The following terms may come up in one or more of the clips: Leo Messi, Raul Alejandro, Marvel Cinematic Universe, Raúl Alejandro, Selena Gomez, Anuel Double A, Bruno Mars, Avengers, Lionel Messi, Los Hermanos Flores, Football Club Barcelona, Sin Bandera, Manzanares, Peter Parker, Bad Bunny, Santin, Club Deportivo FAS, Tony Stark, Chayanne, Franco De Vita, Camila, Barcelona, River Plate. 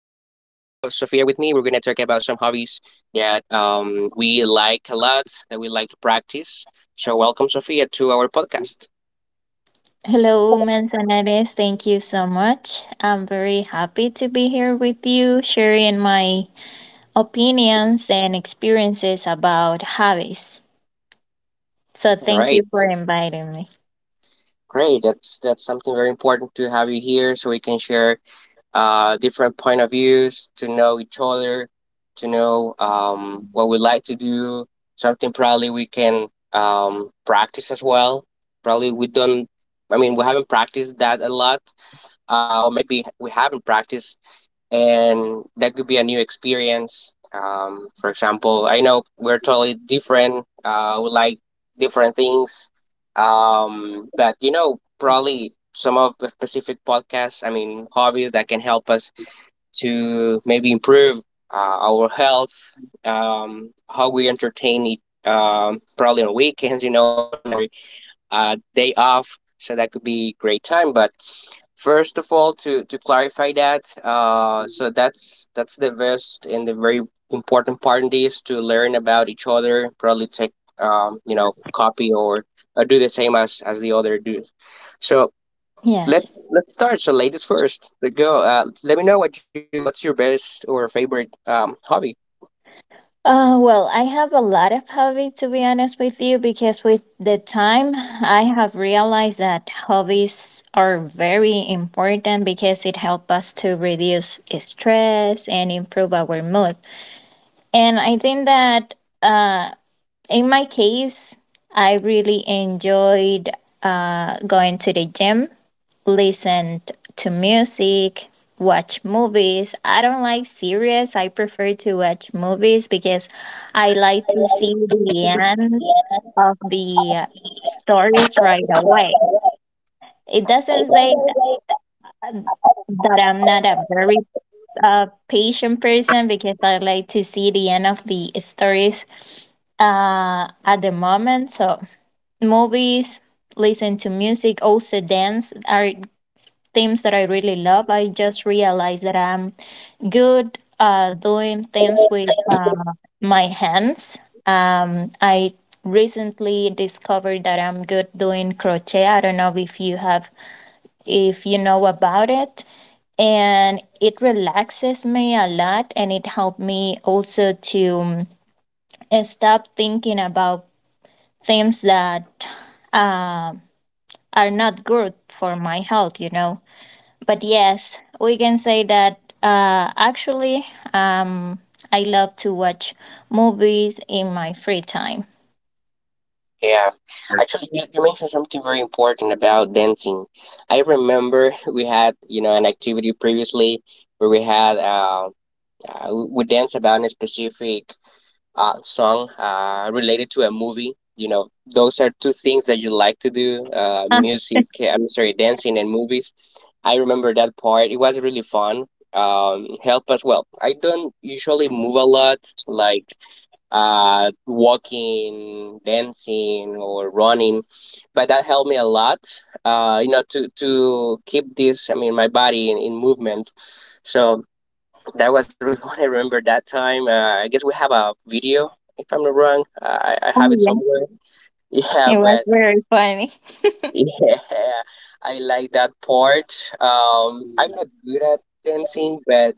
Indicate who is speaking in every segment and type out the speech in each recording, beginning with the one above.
Speaker 1: Sophia with me. We're gonna talk about some hobbies that we like a lot, that we like to practice. So welcome Sophia to our podcast.
Speaker 2: Hello, Manzanares. Thank you so much. I'm very happy to be here with you, sharing my opinions and experiences about hobbies. So,
Speaker 1: All
Speaker 2: thank
Speaker 1: right,
Speaker 2: you for inviting me.
Speaker 1: great. That's something very important to have you here, so we can share different point of views, to know each other, to know what we like to do. Something probably we can practice as well. Probably we don't. I mean, we haven't practiced that a lot, or maybe we haven't practiced, and that could be a new experience. For example, I know we're totally different. We like different things, but you know, probably some of the specific podcasts. I mean, hobbies that can help us to maybe improve our health, how we entertain it, probably on weekends, you know, on our day off. So that could be great time. But first of all, to clarify that, so that's the best and the very important part in this to learn about each other. Probably take copy or do the same as the other do. So
Speaker 2: Yes.
Speaker 1: let's start. So ladies first. Let go. Let me know what you what's your best or favorite hobby.
Speaker 2: Well, I have a lot of hobbies to be honest with you because with the time I have realized that hobbies are very important because it helps us to reduce stress and improve our mood. And I think that uh, in my case, I really enjoyed going to the gym, listened to music, watch movies. I don't like series. I prefer to watch movies because I like to see the end of the stories right away. It doesn't say that I'm not a very patient person because I like to see the end of the stories at the moment, so movies, listen to music, also dance are things that I really love. I just realized that I'm good doing things with my hands. I recently discovered that I'm good doing crochet. I don't know if you have, if you know about it, and it relaxes me a lot, and it helped me also to stop thinking about things that uh, are not good for my health, you know. But yes, we can say that actually, um, I love to watch movies in my free time.
Speaker 1: Yeah, actually, you mentioned something very important about dancing. I remember we had an activity previously where we had we danced about a specific song related to a movie. You know, those are two things that you like to do:
Speaker 2: Ah,
Speaker 1: music. I'm sorry, dancing and movies. I remember that part. It was really fun. Help as well. I don't usually move a lot, like walking, dancing, or running, but that helped me a lot. You know, to keep this. I mean, my body in movement. So that was really fun. I remember that time. I guess we have a video, if I'm not wrong. I
Speaker 2: oh,
Speaker 1: have it
Speaker 2: yeah.
Speaker 1: somewhere. Yeah,
Speaker 2: It was
Speaker 1: but
Speaker 2: very funny.
Speaker 1: yeah, I like that part. I'm not good at dancing, but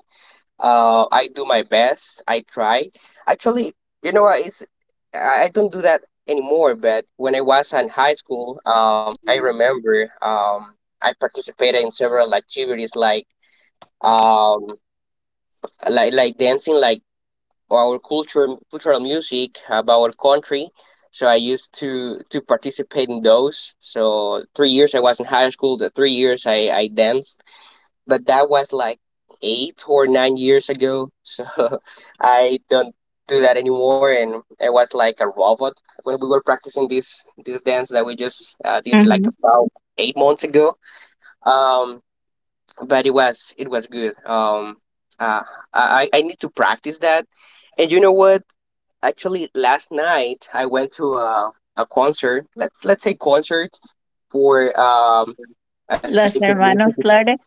Speaker 1: I do my best. I try. Actually, you know what? It's I don't do that anymore. But when I was in high school, I remember I participated in several activities like um like dancing like our culture cultural music about our country. So I used to participate in those. So 3 years I was in high school. The 3 years I danced, but that was like 8 or 9 years ago. So I don't do that anymore, and I was like a robot when we were practicing this dance that we just did like
Speaker 2: Mhm.
Speaker 1: about 8 months ago. Um, but it was good. Uh, I need to practice that. And you know what? Actually, last night I went to a concert. Let's say concert for a
Speaker 2: Los
Speaker 1: specific music.
Speaker 2: Hermanos Flores.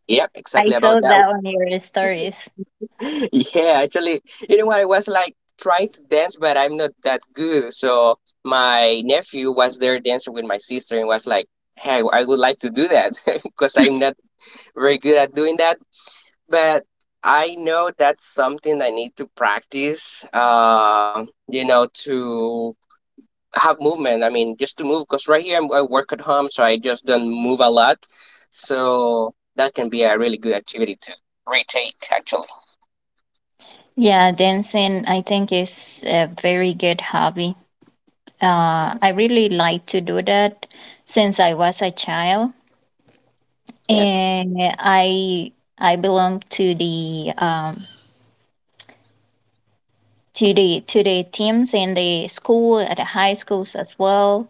Speaker 1: Yep, exactly
Speaker 2: I
Speaker 1: about
Speaker 2: saw
Speaker 1: that.
Speaker 2: that on your stories.
Speaker 1: Yeah, actually, you know what? I was like trying to dance, but I'm not that good. So my nephew was there dancing with my sister and was like, "Hey, I would like to do that because I'm not very good at doing that." But I know that's something I need to practice. You know, to have movement. I mean, just to move because right here I work at home, so I just don't move a lot. So that can be a really good activity to retake, actually.
Speaker 2: Yeah, dancing I think is a very good hobby. I really like to do that since I was a child,
Speaker 1: Yeah,
Speaker 2: and I belong to the to the to the teams in the school at the high schools as well.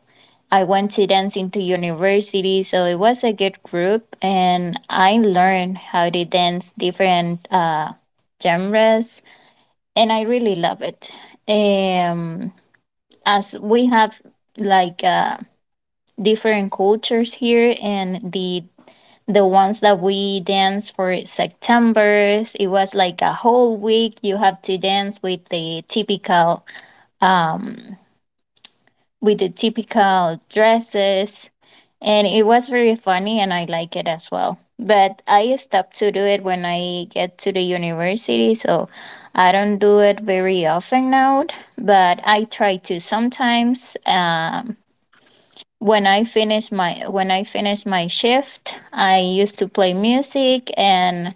Speaker 2: I went to dance into university, so it was a good group, and I learned how to dance different genres, and I really love it. Um, as we have like different cultures here, and the ones that we dance for September, it was like a whole week. You have to dance with the typical, with the typical dresses, and it was very funny, and I like it as well. But I stopped to do it when I get to the university, so I don't do it very often now. But I try to sometimes. When I finish my, when I finish my shift, I used to play music, and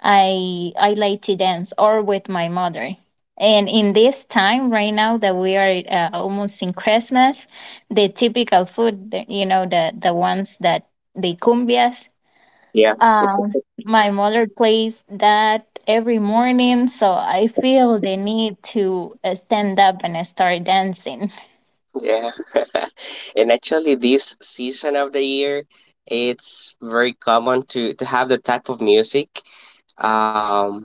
Speaker 2: I like to dance or with my mother. And in this time right now that we are almost in Christmas, the typical food, the ones that the cumbias.
Speaker 1: yeah,
Speaker 2: Um, my mother plays that every morning, so I feel the need to stand up and start dancing.
Speaker 1: yeah. And actually, this season of the year, it's very common to have the type of music. Um,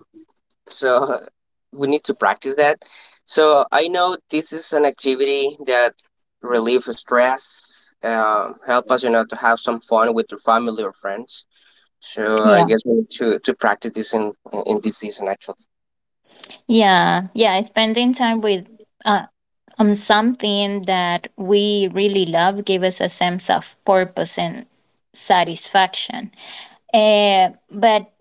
Speaker 1: so we need to practice that. So I know this is an activity that relieve stress, help us, you know, to have some fun with your family or friends. So I
Speaker 2: Yeah,
Speaker 1: guess we need to practice this in this season, actually.
Speaker 2: yeah, yeah. Spending time with uh, something that we really love give us a sense of purpose and satisfaction. But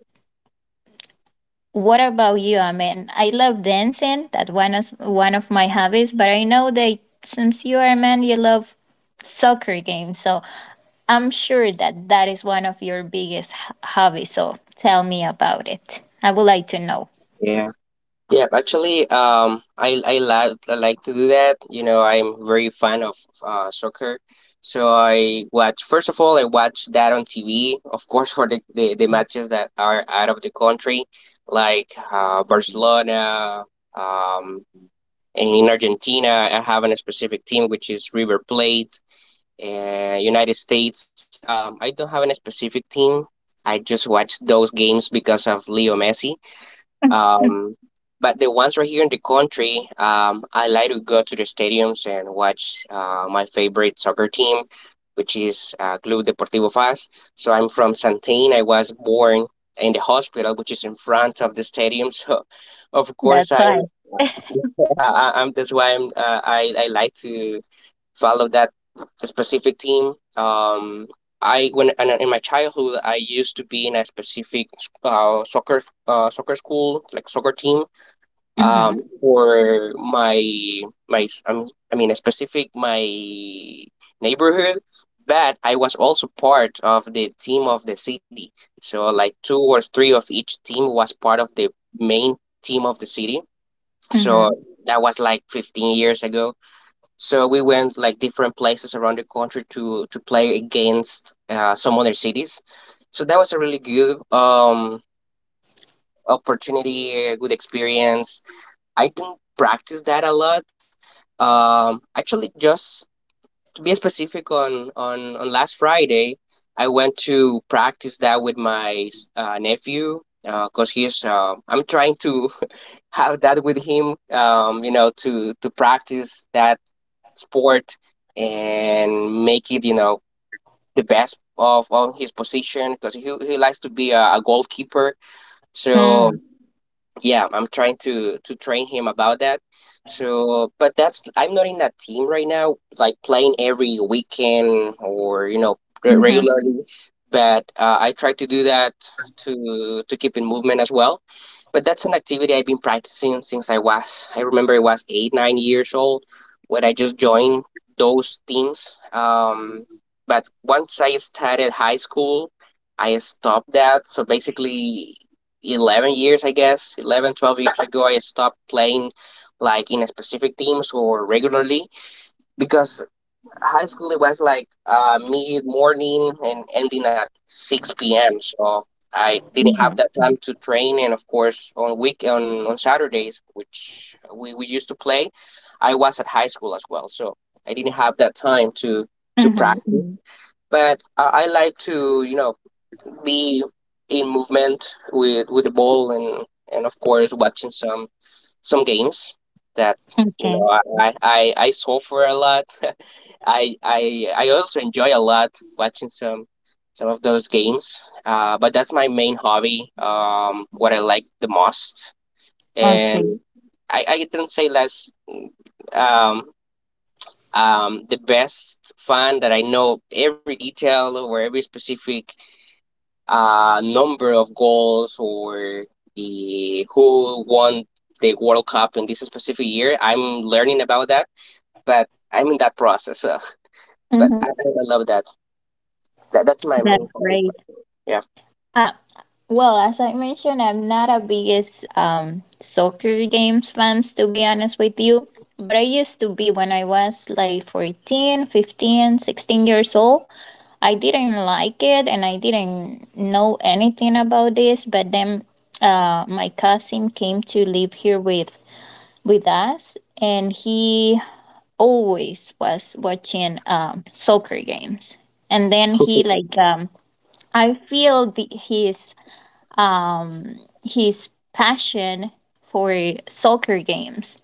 Speaker 2: what about you? I mean, I love dancing. That one is one of my hobbies. But I know that since you are a man, you love soccer games. So I'm sure that that is one of your biggest hobbies. So tell me about it. I would like to know.
Speaker 1: Yeah, yeah. Actually, I like I like to do that. You know, I'm very fan of soccer, so I watch. First of all, I watch that on TV, of course, for the matches that are out of the country, like Barcelona, um, in Argentina. I have a specific team which is River Plate. And United States, I don't have a specific team. I just watch those games because of Leo Messi, um, but the ones right here in the country, I like to go to the stadiums and watch my favorite soccer team, which is Club Deportivo FAS. So I'm from Santin. I was born in the hospital, which is in front of the stadium. So, of course,
Speaker 2: That's why.
Speaker 1: I'm. Yeah, I, I'm that's why I'm. I like to follow that specific team. I when and In my childhood, I used to be in a specific uh, soccer soccer school, like soccer team. Um,
Speaker 2: Mm-hmm.
Speaker 1: for my my I mean a specific my neighborhood, but I was also part of the team of the city. So like two or three of each team was part of the main team of the city. So
Speaker 2: Mm-hmm.
Speaker 1: that was like 15 years ago, so we went like different places around the country to play against some other cities. So that was a really good opportunity, a good experience. I don't practice that a lot. Actually, just to be specific, on last Friday, I went to practice that with my nephew. Cause he's, I'm trying to have that with him, you know, to practice that sport and make it, you know, the best of his position, because he likes to be a goalkeeper. So yeah, I'm trying to train him about that. So but that's, I'm not in a team right now, like playing every weekend or you know
Speaker 2: Mm-hmm.
Speaker 1: regularly. But I try to do that to keep in movement as well. But that's an activity I've been practicing since I was I remember I was 8 9 years old when I just joined those teams. But once I started high school, I stopped that. So basically 11 years, I guess, 11, 12 years ago, I stopped playing like in a specific teams or regularly, because high school it was like mid morning and ending at 6 p.m. So I didn't have
Speaker 2: Mm-hmm.
Speaker 1: that time to train. And of course, on on Saturdays, which we used to play, I was at high school as well. So I didn't have that time to
Speaker 2: Mm-hmm.
Speaker 1: practice. Mhm. But I like to, you know, be in movement with the ball, and of course watching some games, that you
Speaker 2: Okay.
Speaker 1: know I suffer a lot. I also enjoy a lot watching some of those games. But that's my main hobby. What I like the most, and
Speaker 2: Okay.
Speaker 1: I don't say less. Um, the best fan that I know every detail or every specific number of goals or the who won the World Cup in this specific year. I'm learning about that, but I'm in that process. So, but
Speaker 2: Mm-hmm.
Speaker 1: I love that. That's my main
Speaker 2: That's
Speaker 1: hobby.
Speaker 2: great.
Speaker 1: Yeah.
Speaker 2: Uh, well, as I mentioned, I'm not a biggest soccer games fans, to be honest with you. But I used to be when I was like 14, 15, 16 years old. I didn't like it and I didn't know anything about this. But then my cousin came to live here with us, and he always was watching soccer games. And then he like I feel the, um his passion for soccer games,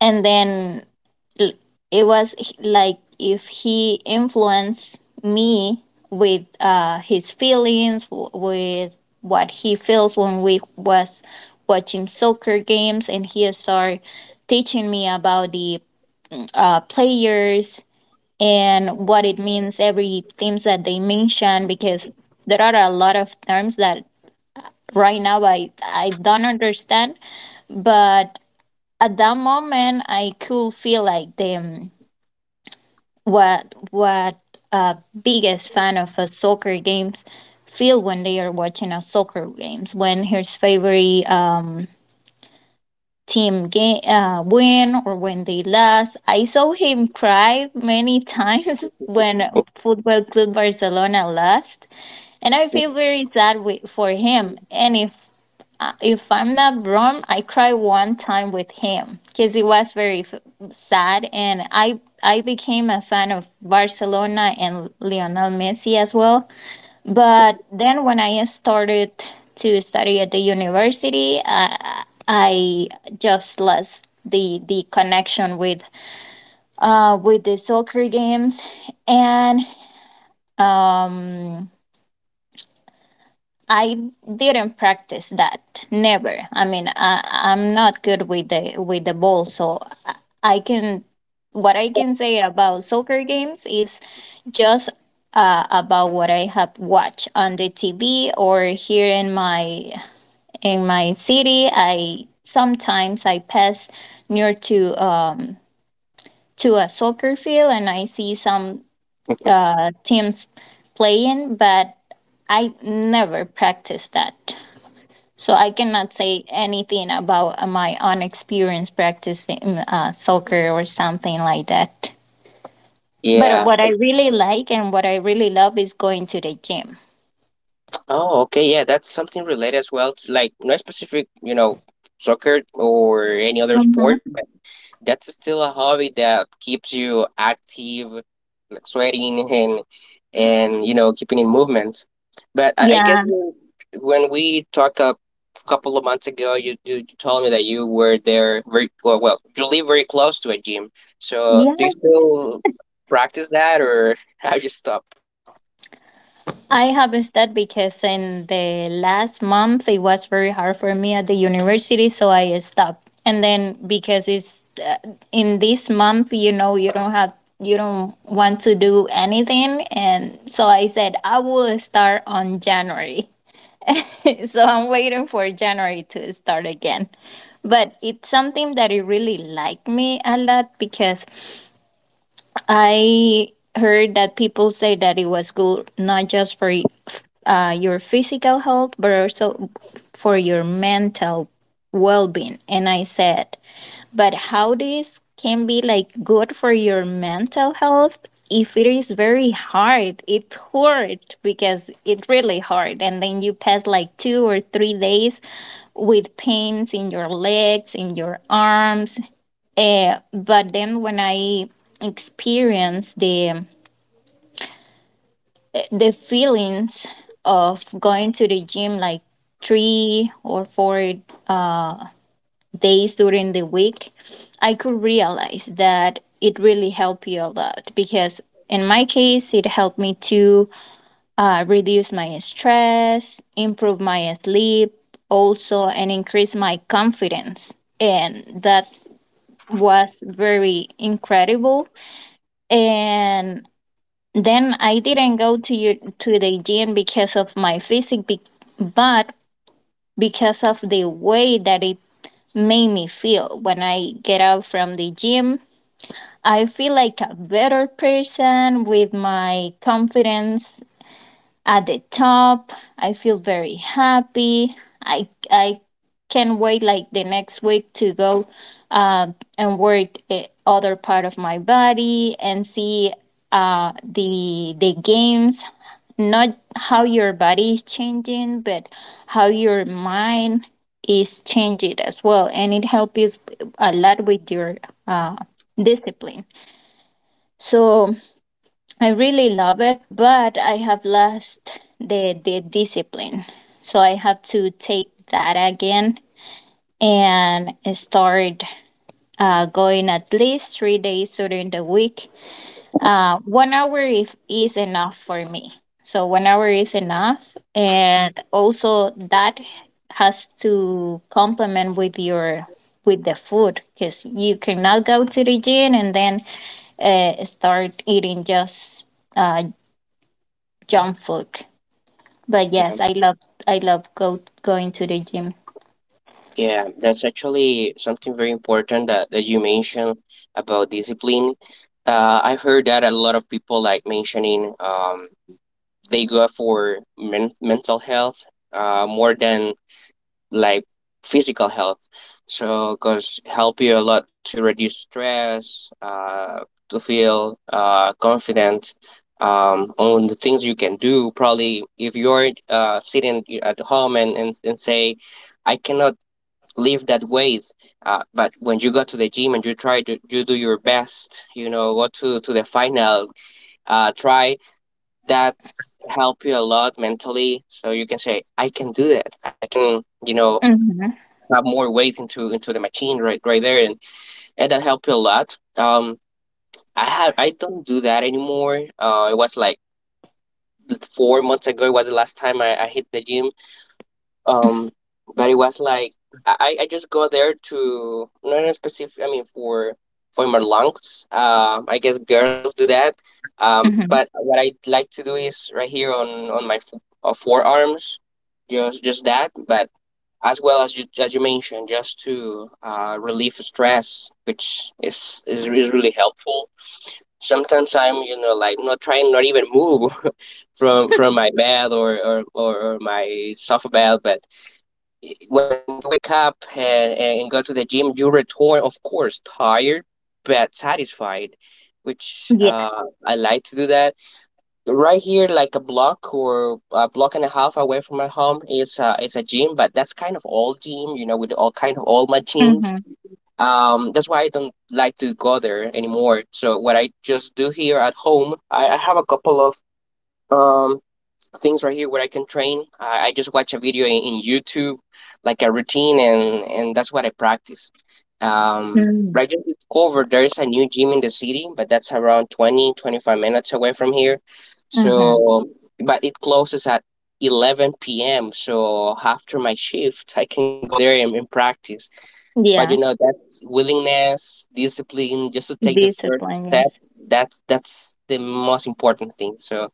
Speaker 2: and then l- it was like if he influenced me with his feelings, with what he feels when we was watching soccer games, and he started teaching me about the players and what it means every things that they mention because there are a lot of terms that right now I don't understand, but at that moment I could feel like the what uh biggest fan of a soccer games feel when they are watching a soccer games when his favorite team game win or when they lost. I saw him cry many times when Football Club Barcelona lost, and I feel very sad for him. And if if I'm not wrong, I cried one time with him because it was very sad, and I became a fan of Barcelona and Lionel Messi as well. But then when I started to study at the university, I just lost the connection with with the soccer games and um. I didn't practice that. Never. I mean, I'm not good with the ball, so I I can. What I can say about soccer games is just about what I have watched on the TV or here in my city. I sometimes I pass near to a soccer field and I see some teams playing, but I never practiced that. So I cannot say anything about my own experience practicing soccer or something like that. But
Speaker 1: Yeah.
Speaker 2: what I really like and what I really love is going to the gym.
Speaker 1: Oh, okay. Yeah, that's something related as well to like not specific, you know, soccer or any other sport,
Speaker 2: Mhm.
Speaker 1: but that's still a hobby that keeps you active, like sweating and you know keeping in movement. But I guess
Speaker 2: Yeah.
Speaker 1: when we talked a couple of months ago, you told me that you were there very well. You live very close to a gym, so do you
Speaker 2: Yeah.
Speaker 1: still practice that, or have you stopped?
Speaker 2: I have that because in the last month it was very hard for me at the university, so I stopped. And then because it's in this month, you know, you don't have, you don't want to do anything, and so I said I will start on January. So I'm waiting for January to start again. But it's something that it really liked me a lot because I heard that people say that it was good not just for your physical health but also for your mental well-being. And I said, but how this can be like good for your mental health if it is very hard, it hurt because it really hard and then you pass like 2 or 3 days with pains in your legs, in your arms, but then when I experience the feelings of going to the gym like 3 or 4 days during the week, I could realize that it really helped you a lot because in my case, it helped me to reduce my stress, improve my sleep, also, and increase my confidence. And that was very incredible. And then I didn't go to, you, to the gym because of my physique, but because of the way that it made me feel when I get out from the gym. I feel like a better person with my confidence at the top. I feel very happy. I can't wait like the next week to go and work eh, other part of my body and see the games. Not how your body is changing, but how your mind is changing as well, and it helps you a lot with your uh, discipline. So I really love it, but I have lost the discipline. So I have to take that again and start going at least 3 days during the week. 1 hour if, is enough for me. So 1 hour is enough, and also that has to complement with your, with the food because you cannot go to the gym and then start eating just uh, junk food. But
Speaker 1: Yeah,
Speaker 2: yes, I love, I love go going to the gym.
Speaker 1: yeah, that's actually something very important that you mentioned about discipline. I've heard that a lot of people like mentioning they go for mental health more than like physical health. So, because help you a lot to reduce stress, to feel confident on the things you can do. Probably if you're sitting at home and say, I cannot live that way. But when you go to the gym and you try to you do your best, you know, go to the final, try that's help you a lot mentally, so you can say I can do that, I can, you know,
Speaker 2: Mm-hmm.
Speaker 1: have more weight into the machine, right, right there, and that helped you a lot. I had, I don't do that anymore. It was like 4 months ago. It was the last time I hit the gym. Um, but it was like I just go there to not in a specific. I mean, for my lungs. I guess girls do that.
Speaker 2: Mm-hmm.
Speaker 1: But what I like to do is right here on my forearms, just that. But as well as you mentioned, just to relieve stress, which is really helpful. Sometimes I'm, you know, like not trying, not even move from my bed or my sofa bed. But when you wake up and go to the gym, you return, of course, tired but satisfied, which
Speaker 2: Yeah.
Speaker 1: I like to do that. Right here, like a block or a block and a half away from my home, is a gym, but that's kind of old gym, you know, with all kind of all machines.
Speaker 2: Mm-hmm.
Speaker 1: That's why I don't like to go there anymore. So what I just do here at home, I have a couple of um things right here where I can train. I just watch a video in YouTube, like a routine, and that's what I practice.
Speaker 2: Mm-hmm.
Speaker 1: But I just discovered there's a new gym in the city, but that's around 20-25 minutes away from here.
Speaker 2: Mm-hmm.
Speaker 1: So, but it closes at 11 p.m. So after my shift, I can go there and practice. But you
Speaker 2: Yeah.
Speaker 1: know, that's willingness, discipline, just to take the first
Speaker 2: Discipline.
Speaker 1: step.
Speaker 2: Yes.
Speaker 1: That's the most important thing. So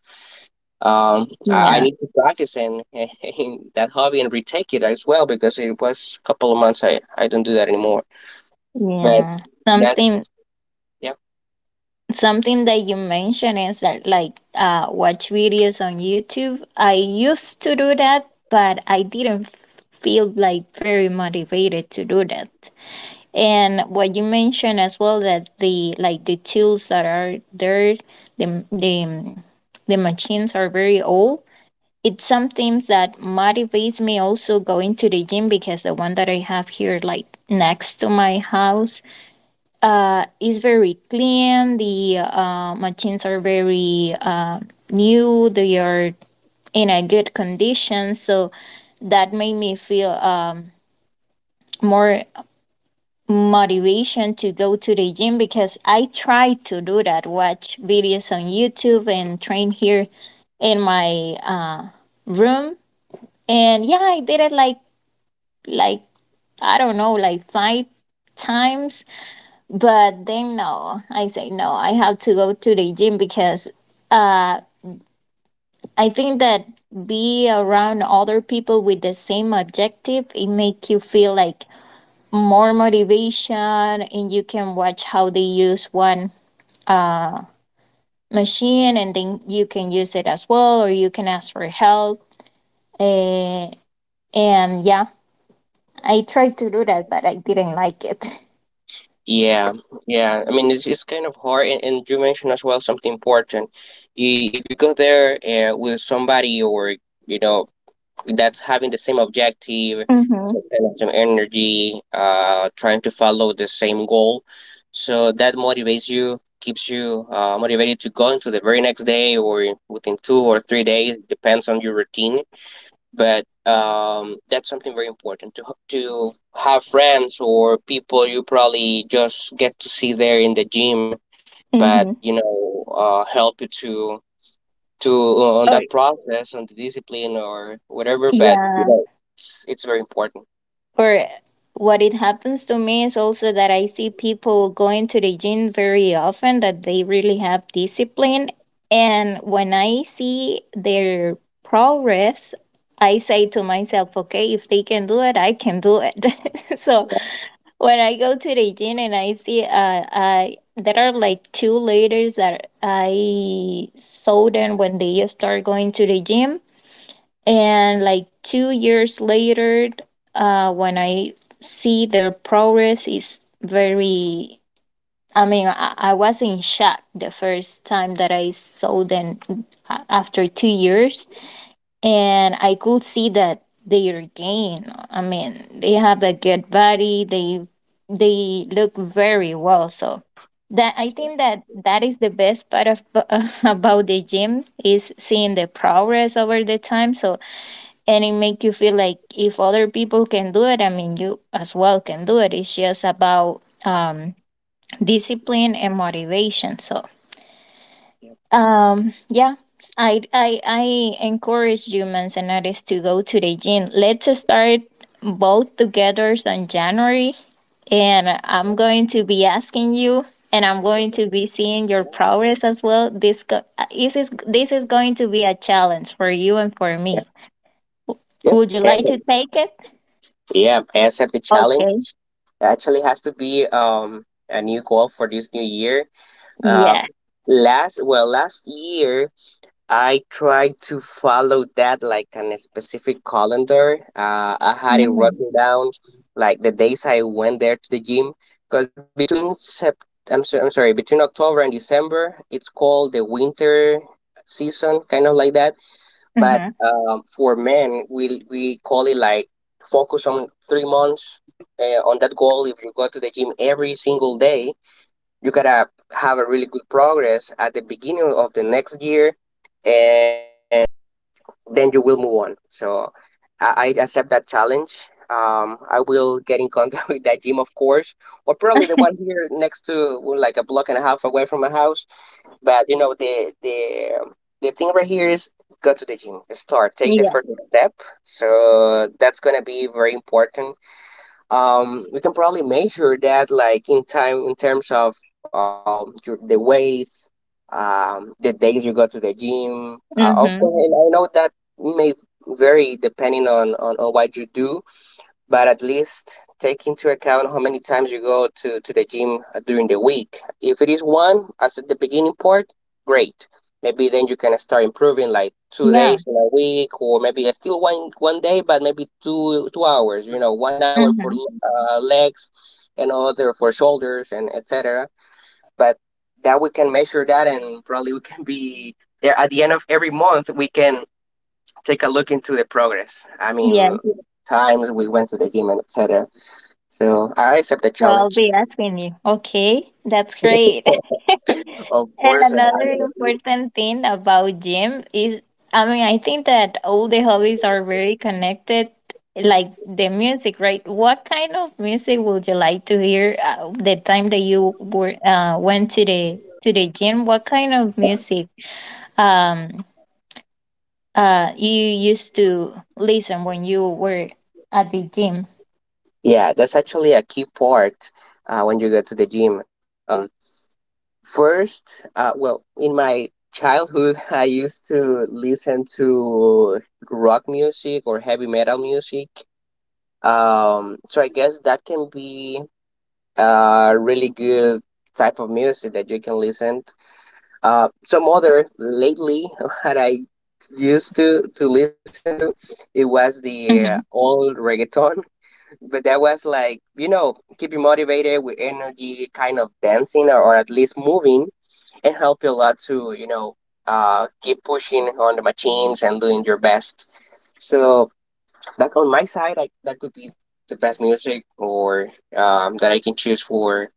Speaker 1: I
Speaker 2: Yeah.
Speaker 1: need to practice in that hobby and retake it as well, because it was a couple of months. I don't do that anymore. But
Speaker 2: Yeah.
Speaker 1: that's
Speaker 2: Something
Speaker 1: yeah,
Speaker 2: something that you mentioned is that like watch videos on YouTube. I used to do that, but I didn't feel like very motivated to do that. And what you mentioned as well that the like the tools that are there, the machines are very old. It's something that motivates me also going to the gym because the one that I have here like next to my house is very clean. The machines are very new. They are in a good condition. So that made me feel more motivation to go to the gym because I try to do that, watch videos on YouTube and train here in my room. And yeah, I did it like I don't know, like 5 times. But then no, I say no, I have to go to the gym because uh, I think that be around other people with the same objective it make you feel like more motivation, and you can watch how they use one uh, machine and then you can use it as well, or you can ask for help uh, and yeah I tried to do that but I didn't like it
Speaker 1: yeah, yeah. I mean, it's kind of hard. And you mentioned as well something important. If you go there with somebody, or you know, that's having the same objective,
Speaker 2: Mm-hmm.
Speaker 1: some kind of some energy, trying to follow the same goal. So that motivates you, keeps you motivated to go into the very next day or within 2 or 3 days, depends on your routine. But that's something very important to to have friends or people you probably just get to see there in the gym, but
Speaker 2: Mm-hmm.
Speaker 1: you know, help you to on
Speaker 2: Oh,
Speaker 1: that process, on the discipline or whatever. But you
Speaker 2: yeah.
Speaker 1: know, it's very important.
Speaker 2: Or what it happens to me is also that I see people going to the gym very often, that they really have discipline. And when I see their progress, I say to myself, okay, if they can do it, I can do it. So when I go to the gym and I see, I there are like two ladies that I saw them when they start going to the gym, and like 2 years later, when I see their progress is very. I mean, I was in shock the first time that I saw them after 2 years, and I could see that they are gain. I mean, they have a good body. They look very well. So that I think that that is the best part of about the gym is seeing the progress over the time. So and it make you feel like if other people can do it, I mean you as well can do it. It's just about discipline and motivation. So yeah, I encourage humans and artists to go to the gym. Let's start both together on January, and I'm going to be asking you, and I'm going to be seeing your progress as well. This is going to be a challenge for you and for
Speaker 1: Yeah.
Speaker 2: me. W-
Speaker 1: Yep.
Speaker 2: Would you
Speaker 1: And,
Speaker 2: like to take it?
Speaker 1: yeah. I accept the challenge.
Speaker 2: Okay.
Speaker 1: Actually, has to be a new goal for this new year. Uh,
Speaker 2: Yeah.
Speaker 1: last year I try to follow that like on a specific calendar. I had it
Speaker 2: Mm-hmm.
Speaker 1: written down like the days I went there to the gym, because between I'm sorry, between October and December, it's called the winter season, kind of like that. But for men we call it like focus on 3 months on that goal. If you go to the gym every single day, you gotta have a really good progress at the beginning of the next year, and then you will move on. So I accept that challenge. I will get in contact with that gym, of course, or probably the one here next to, well, like a block and a half away from my house. But you know, the the thing right here is go to the gym, start, take the
Speaker 2: Yes.
Speaker 1: first step. So that's gonna be very important. Um, we can probably measure that like in time, in terms of your, the weight, the days you go to the gym, of
Speaker 2: Mm-hmm.
Speaker 1: course. And I know that may vary depending on, on what you do, but at least take into account how many times you go to the gym during the week. If it is one, as at the beginning part, great. Maybe then you can start improving like two
Speaker 2: Yeah.
Speaker 1: days in a week, or maybe still one day, but maybe two hours. You know, 1 hour for
Speaker 2: Mm-hmm.
Speaker 1: legs, and other for shoulders, and etc. But that we can measure that, and probably we can be there at the end of every month. We can take a look into the progress. I mean,
Speaker 2: Yes.
Speaker 1: times we went to the gym and etc. So I accept the
Speaker 2: So I'll
Speaker 1: challenge.
Speaker 2: be asking you. Okay, that's great.
Speaker 1: Of
Speaker 2: And
Speaker 1: course,
Speaker 2: another important thing about gym is, I mean, I think that all the hobbies are very connected, like the music, right? What kind of music would you like to hear the time that you were went to the gym? What kind of music um you used to listen when you were at the gym?
Speaker 1: yeah, that's actually a key part when you go to the gym. First, in my childhood, I used to listen to rock music or heavy metal music. So I guess that can be a really good type of music that you can listen. Some other lately that I used to listen to it was the
Speaker 2: Mm-hmm.
Speaker 1: old reggaeton, but that was like, you know, keep you motivated with energy, kind of dancing, or at least moving, and help you a lot to, you know, keep pushing on the machines and doing your best. So that on my side, that could be the best music or that I can choose for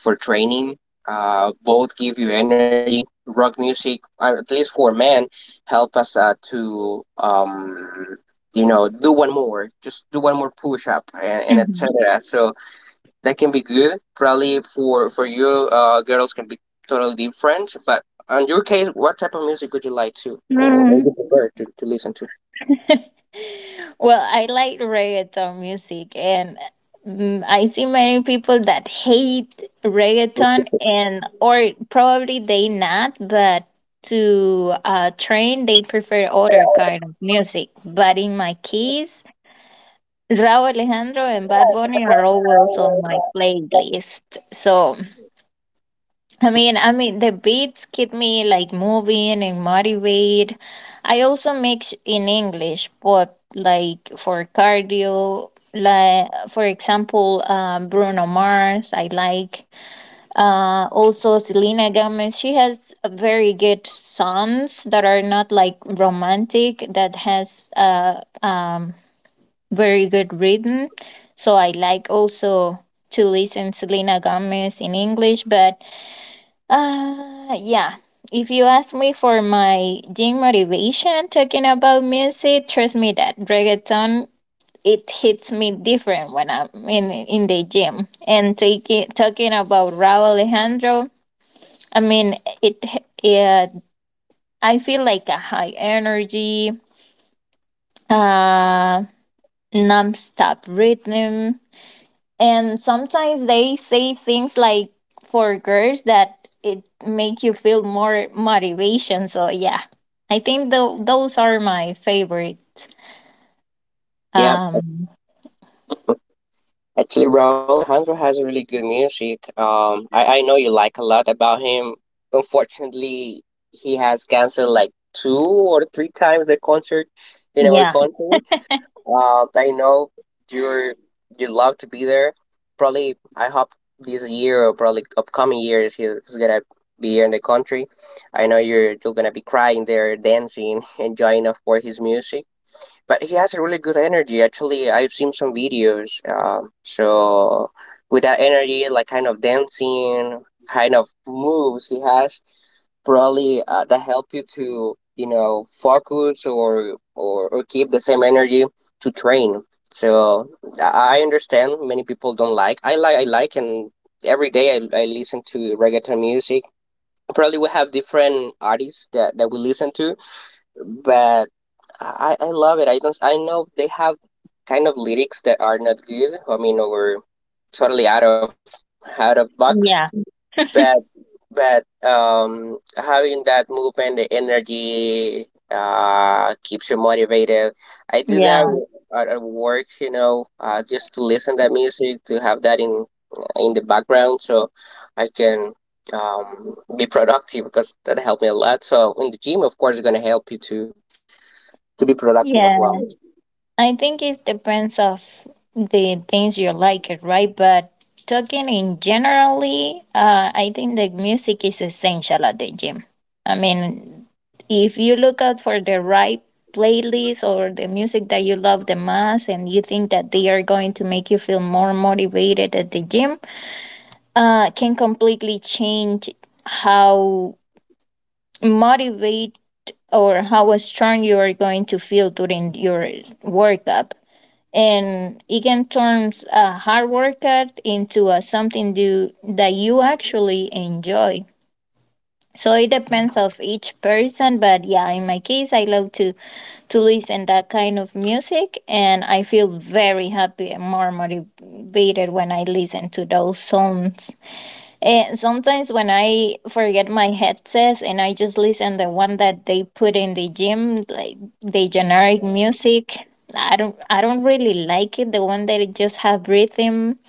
Speaker 1: training. Both give you energy. Rock music, at least for men, help us to you know, do one more, just do one more push up, and etc. So that can be good. Probably for you, girls can be totally different. But on your case, what type of music would you like to, or
Speaker 2: Mm-hmm.
Speaker 1: you prefer to listen to?
Speaker 2: Well, I like reggaeton music, and I see many people that hate reggaeton, and or probably they not, but to train they prefer other kind of music. But in my case, Raúl Alejandro and Bad Bunny are always on my playlist. So I mean, the beats keep me like moving and motivated. I also mix in English, but like for cardio, like for example, Bruno Mars. I like also Selena Gomez. She has a very good songs that are not like romantic. That has very good rhythm. So I like also to listen Selena Gomez in English, but yeah. If you ask me for my gym motivation talking about music, trust me that reggaeton it hits me different when I'm in the gym. And taking talking about Raul Alejandro, I mean it. Yeah, I feel like a high energy, uh, non-stop rhythm, and sometimes they say things like for girls that it make you feel more motivation. So yeah, I think those are my favorite
Speaker 1: Yeah.
Speaker 2: um
Speaker 1: Actually, Raul Alejandro has really good music. I know you like a lot about him. Unfortunately, he has canceled like two or three times the concert in our
Speaker 2: yeah,
Speaker 1: country. I know you're you love to be there. Probably, I hope this year or probably upcoming years he's gonna be here in the country. I know you're gonna be crying there, dancing, enjoying, of course, his music, but he has a really good energy. Actually, I've seen some videos. So with that energy, like kind of dancing, kind of moves he has, probably that help you to, you know, focus, or, or keep the same energy to train. So I understand many people don't like. I like, and every day I listen to reggaeton music. Probably we have different artists that we listen to, but I love it. I don't I know they have kind of lyrics that are not good. I mean, or totally out of box.
Speaker 2: yeah,
Speaker 1: But but having that movement, the energy, keeps you motivated. I do that
Speaker 2: yeah,
Speaker 1: at work, you know, just to listen to that music, to have that in the background, so I can be productive, because that helped me a lot. So in the gym, of course, it's going to help you too, to be productive as well.
Speaker 2: yeah. I think it depends of the things you like, it right? But talking in generally, I think the music is essential at the gym. I mean, if you look out for the right playlist or the music that you love the most, and you think that they are going to make you feel more motivated at the gym, can completely change how motivate or how strong you are going to feel during your workout, and it can turn a hard workout into a something do, that you actually enjoy. So it depends of each person, but yeah, in my case, I love to listen that kind of music, and I feel very happy and more motivated when I listen to those songs. And sometimes when I forget my headsets and I just listen the one that they put in the gym, like the generic music, I don't really like it. The one that it just have rhythm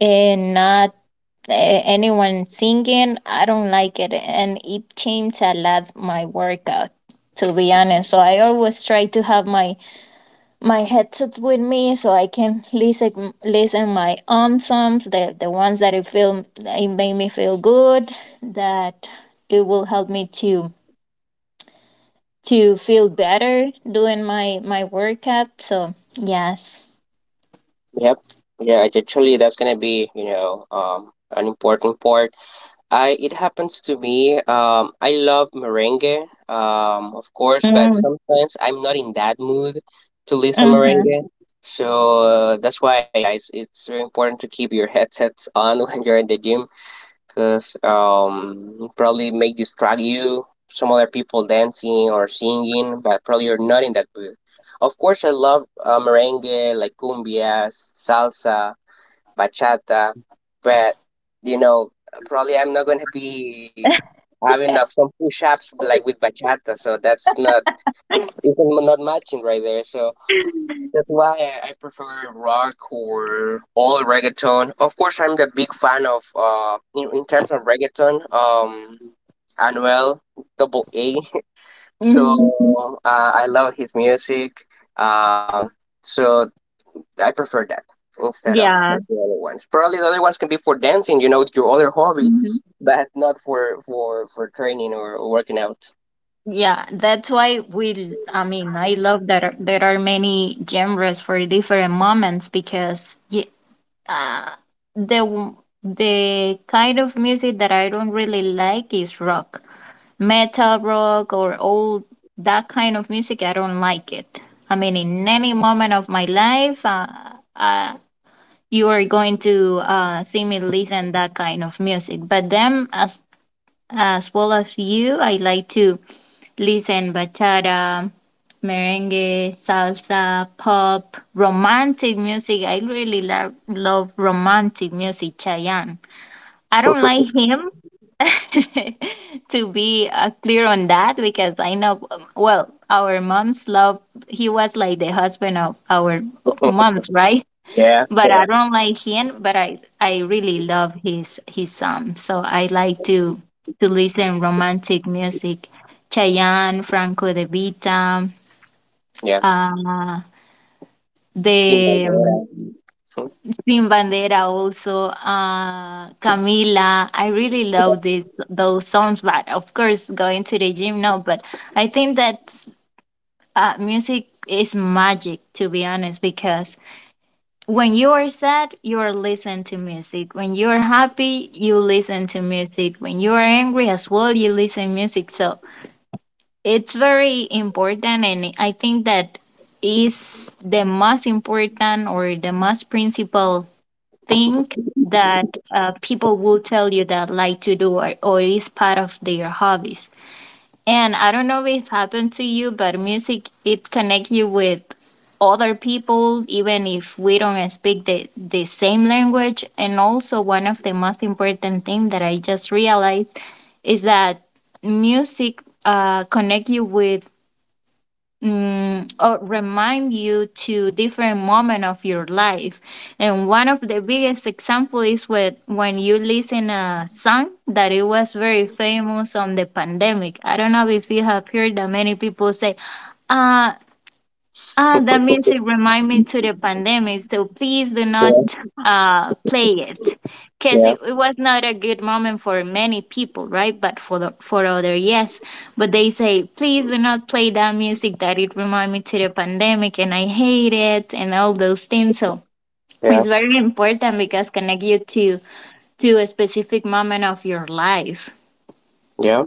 Speaker 2: and not anyone singing, I don't like it, and it changed a lot my workout. To be honest, so I always try to have my headsets with me so I can listen my own songs, the ones that it feel it made me feel good, that it will help me to feel better doing my workout. So yes.
Speaker 1: Yep. Yeah, actually, that's gonna be, you know, an important part. I It happens to me. I love merengue, of course, but
Speaker 2: Mm,
Speaker 1: sometimes I'm not in that mood to listen
Speaker 2: mhm,
Speaker 1: merengue. So that's why it's very important to keep your headsets on when you're in the gym, because probably may distract you, some other people dancing or singing, but probably you're not in that mood. Of course, I love merengue, like cumbias, salsa, bachata, but you know, probably I'm not going to be having some push ups like with bachata, so that's not, it's not matching right there. So that's why I prefer rock or all reggaeton. Of course, I'm the big fan of in terms of reggaeton, Anuel Double A.
Speaker 2: mhm.
Speaker 1: So I love his music. Um, so I prefer that instead of the
Speaker 2: Yeah.
Speaker 1: other ones. Probably the other ones can be for dancing, you know, your other hobby,
Speaker 2: Mhm.
Speaker 1: but not for training or working out.
Speaker 2: Yeah, that's why we, I mean, I love that there are many genres for different moments because you, uh, the the kind of music that I don't really like is rock, metal rock, or all that kind of music. I don't like it. I mean, in any moment of my life, uh, you are going to see me listen that kind of music. But then, as well as you. I like to listen bachata, merengue, salsa, pop, romantic music. I really love romantic music, Chayanne. I don't like him to be clear on that because I know well our moms love, he was like the husband of our moms, right?
Speaker 1: Yeah,
Speaker 2: But I don't like him. But I really love his songs. So I like to listen romantic music, Chayanne, Franco De Vita,
Speaker 1: yeah.
Speaker 2: uh,
Speaker 1: Team
Speaker 2: the
Speaker 1: Bandera.
Speaker 2: Sin Bandera also, Camila. I really love these those songs. But of course, going to the gym, no. But I think that music is magic, to be honest, because when you are sad, you are listening to music. When you are happy, you listen to music. When you are angry as well, you listen to music. So it's very important, and I think that is the most important or the most principal thing that people will tell you that like to do, or, is part of their hobbies. And I don't know if it happened to you, but music it connect you with other people, even if we don't speak the same language. And also one of the most important thing that I just realized is that music connect you with or remind you to different moment of your life. And one of the biggest example is with when you listen a song that it was very famous on the pandemic. I don't know if you have heard that many people say, uh, ah,
Speaker 1: Yeah,
Speaker 2: that music remind me to the pandemic, so please do not play it, because
Speaker 1: yeah,
Speaker 2: it was not a good moment for many people, right? But for for other, yes. But they say please do not play that music that it remind me to the pandemic, and I hate it, and all those things. So
Speaker 1: yeah,
Speaker 2: it's very important because connect you to a specific moment of your life.
Speaker 1: yeah.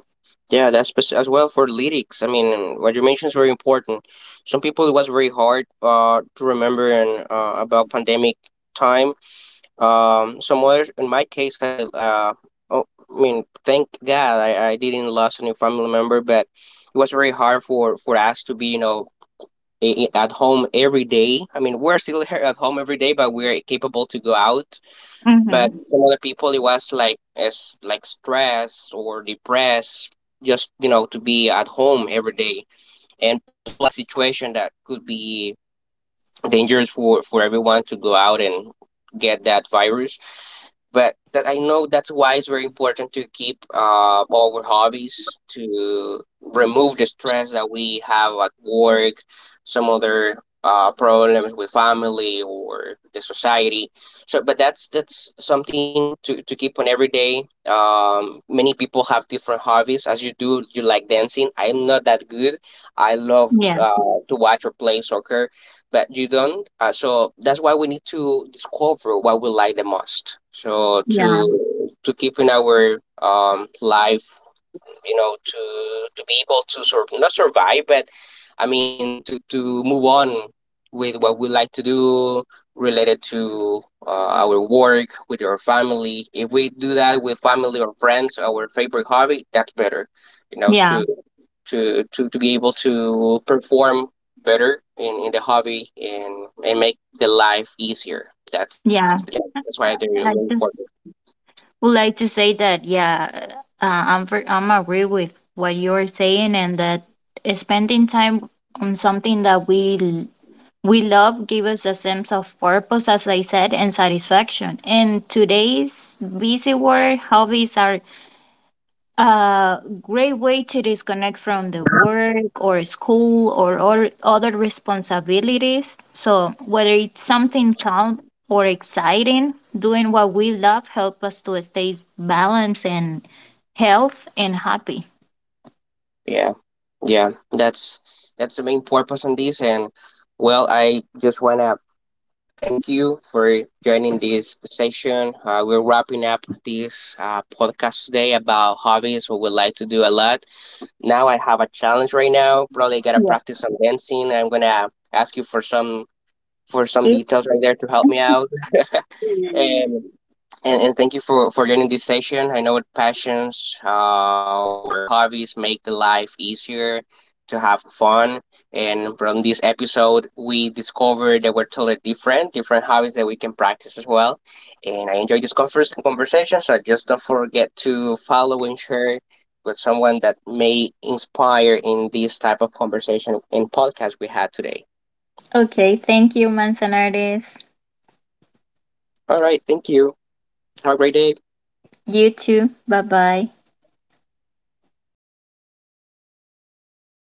Speaker 1: Yeah, that's as well for lyrics. I mean, what you mentioned is very important. Some people it was very hard to remember and about pandemic time. Some others, in my case, oh, I mean, thank God I didn't lost any family member, but it was very hard for us to be, you know, at home every day. I mean, we're still here at home every day, but we're capable to go out,
Speaker 2: Mm-hmm.
Speaker 1: but some other people, it was like as like stressed or depressed, just, you know, to be at home every day, and plus the situation that could be dangerous for everyone to go out and get that virus. But that I know that's why it's very important to keep all our hobbies to remove the stress that we have at work, some other problems with family or the society. So, but that's something to keep on every day. Many people have different hobbies. As you do, you like dancing. I'm not that good. I love
Speaker 2: Yeah,
Speaker 1: uh, to watch or play soccer, but you don't. So that's why we need to discover what we like the most. So
Speaker 2: yeah,
Speaker 1: to keep in our life, you know, to be able to sort of not survive, but I mean to move on with what we like to do related to our work with our family. If we do that with family or friends, our favorite hobby, that's better. You know,
Speaker 2: yeah,
Speaker 1: to to be able to perform better in the hobby, and make the life easier. That's that
Speaker 2: yeah.
Speaker 1: you know, that's why they're really
Speaker 2: I
Speaker 1: important.
Speaker 2: just would like to say that, yeah, I'm agree with what you're saying, and that spending time on something that we we love gives us a sense of purpose, as I said, and satisfaction. In today's busy world, hobbies are a great way to disconnect from the work or school, or, other responsibilities. So whether it's something calm or exciting, doing what we love helps us to stay balanced and health and happy.
Speaker 1: Yeah, yeah. That's the main purpose on this. And well, I just wanna thank you for joining this session. We're wrapping up this podcast today about hobbies. What we would like to do a lot. Now I have a challenge right now. Probably gotta
Speaker 2: Yeah.
Speaker 1: practice some dancing. I'm gonna ask you for some details
Speaker 2: Tips.
Speaker 1: right there to help me out. And and thank you for joining this session. I know what passions or hobbies make the life easier to have fun. And from this episode, we discovered that we're totally different, different hobbies that we can practice as well. And I enjoyed this conversation, so just don't forget to follow and share with someone that may inspire in this type of conversation and podcast we had today.
Speaker 2: Okay. Thank you, Manzanares.
Speaker 1: All right, thank you. Have a great day.
Speaker 2: You too. Bye bye.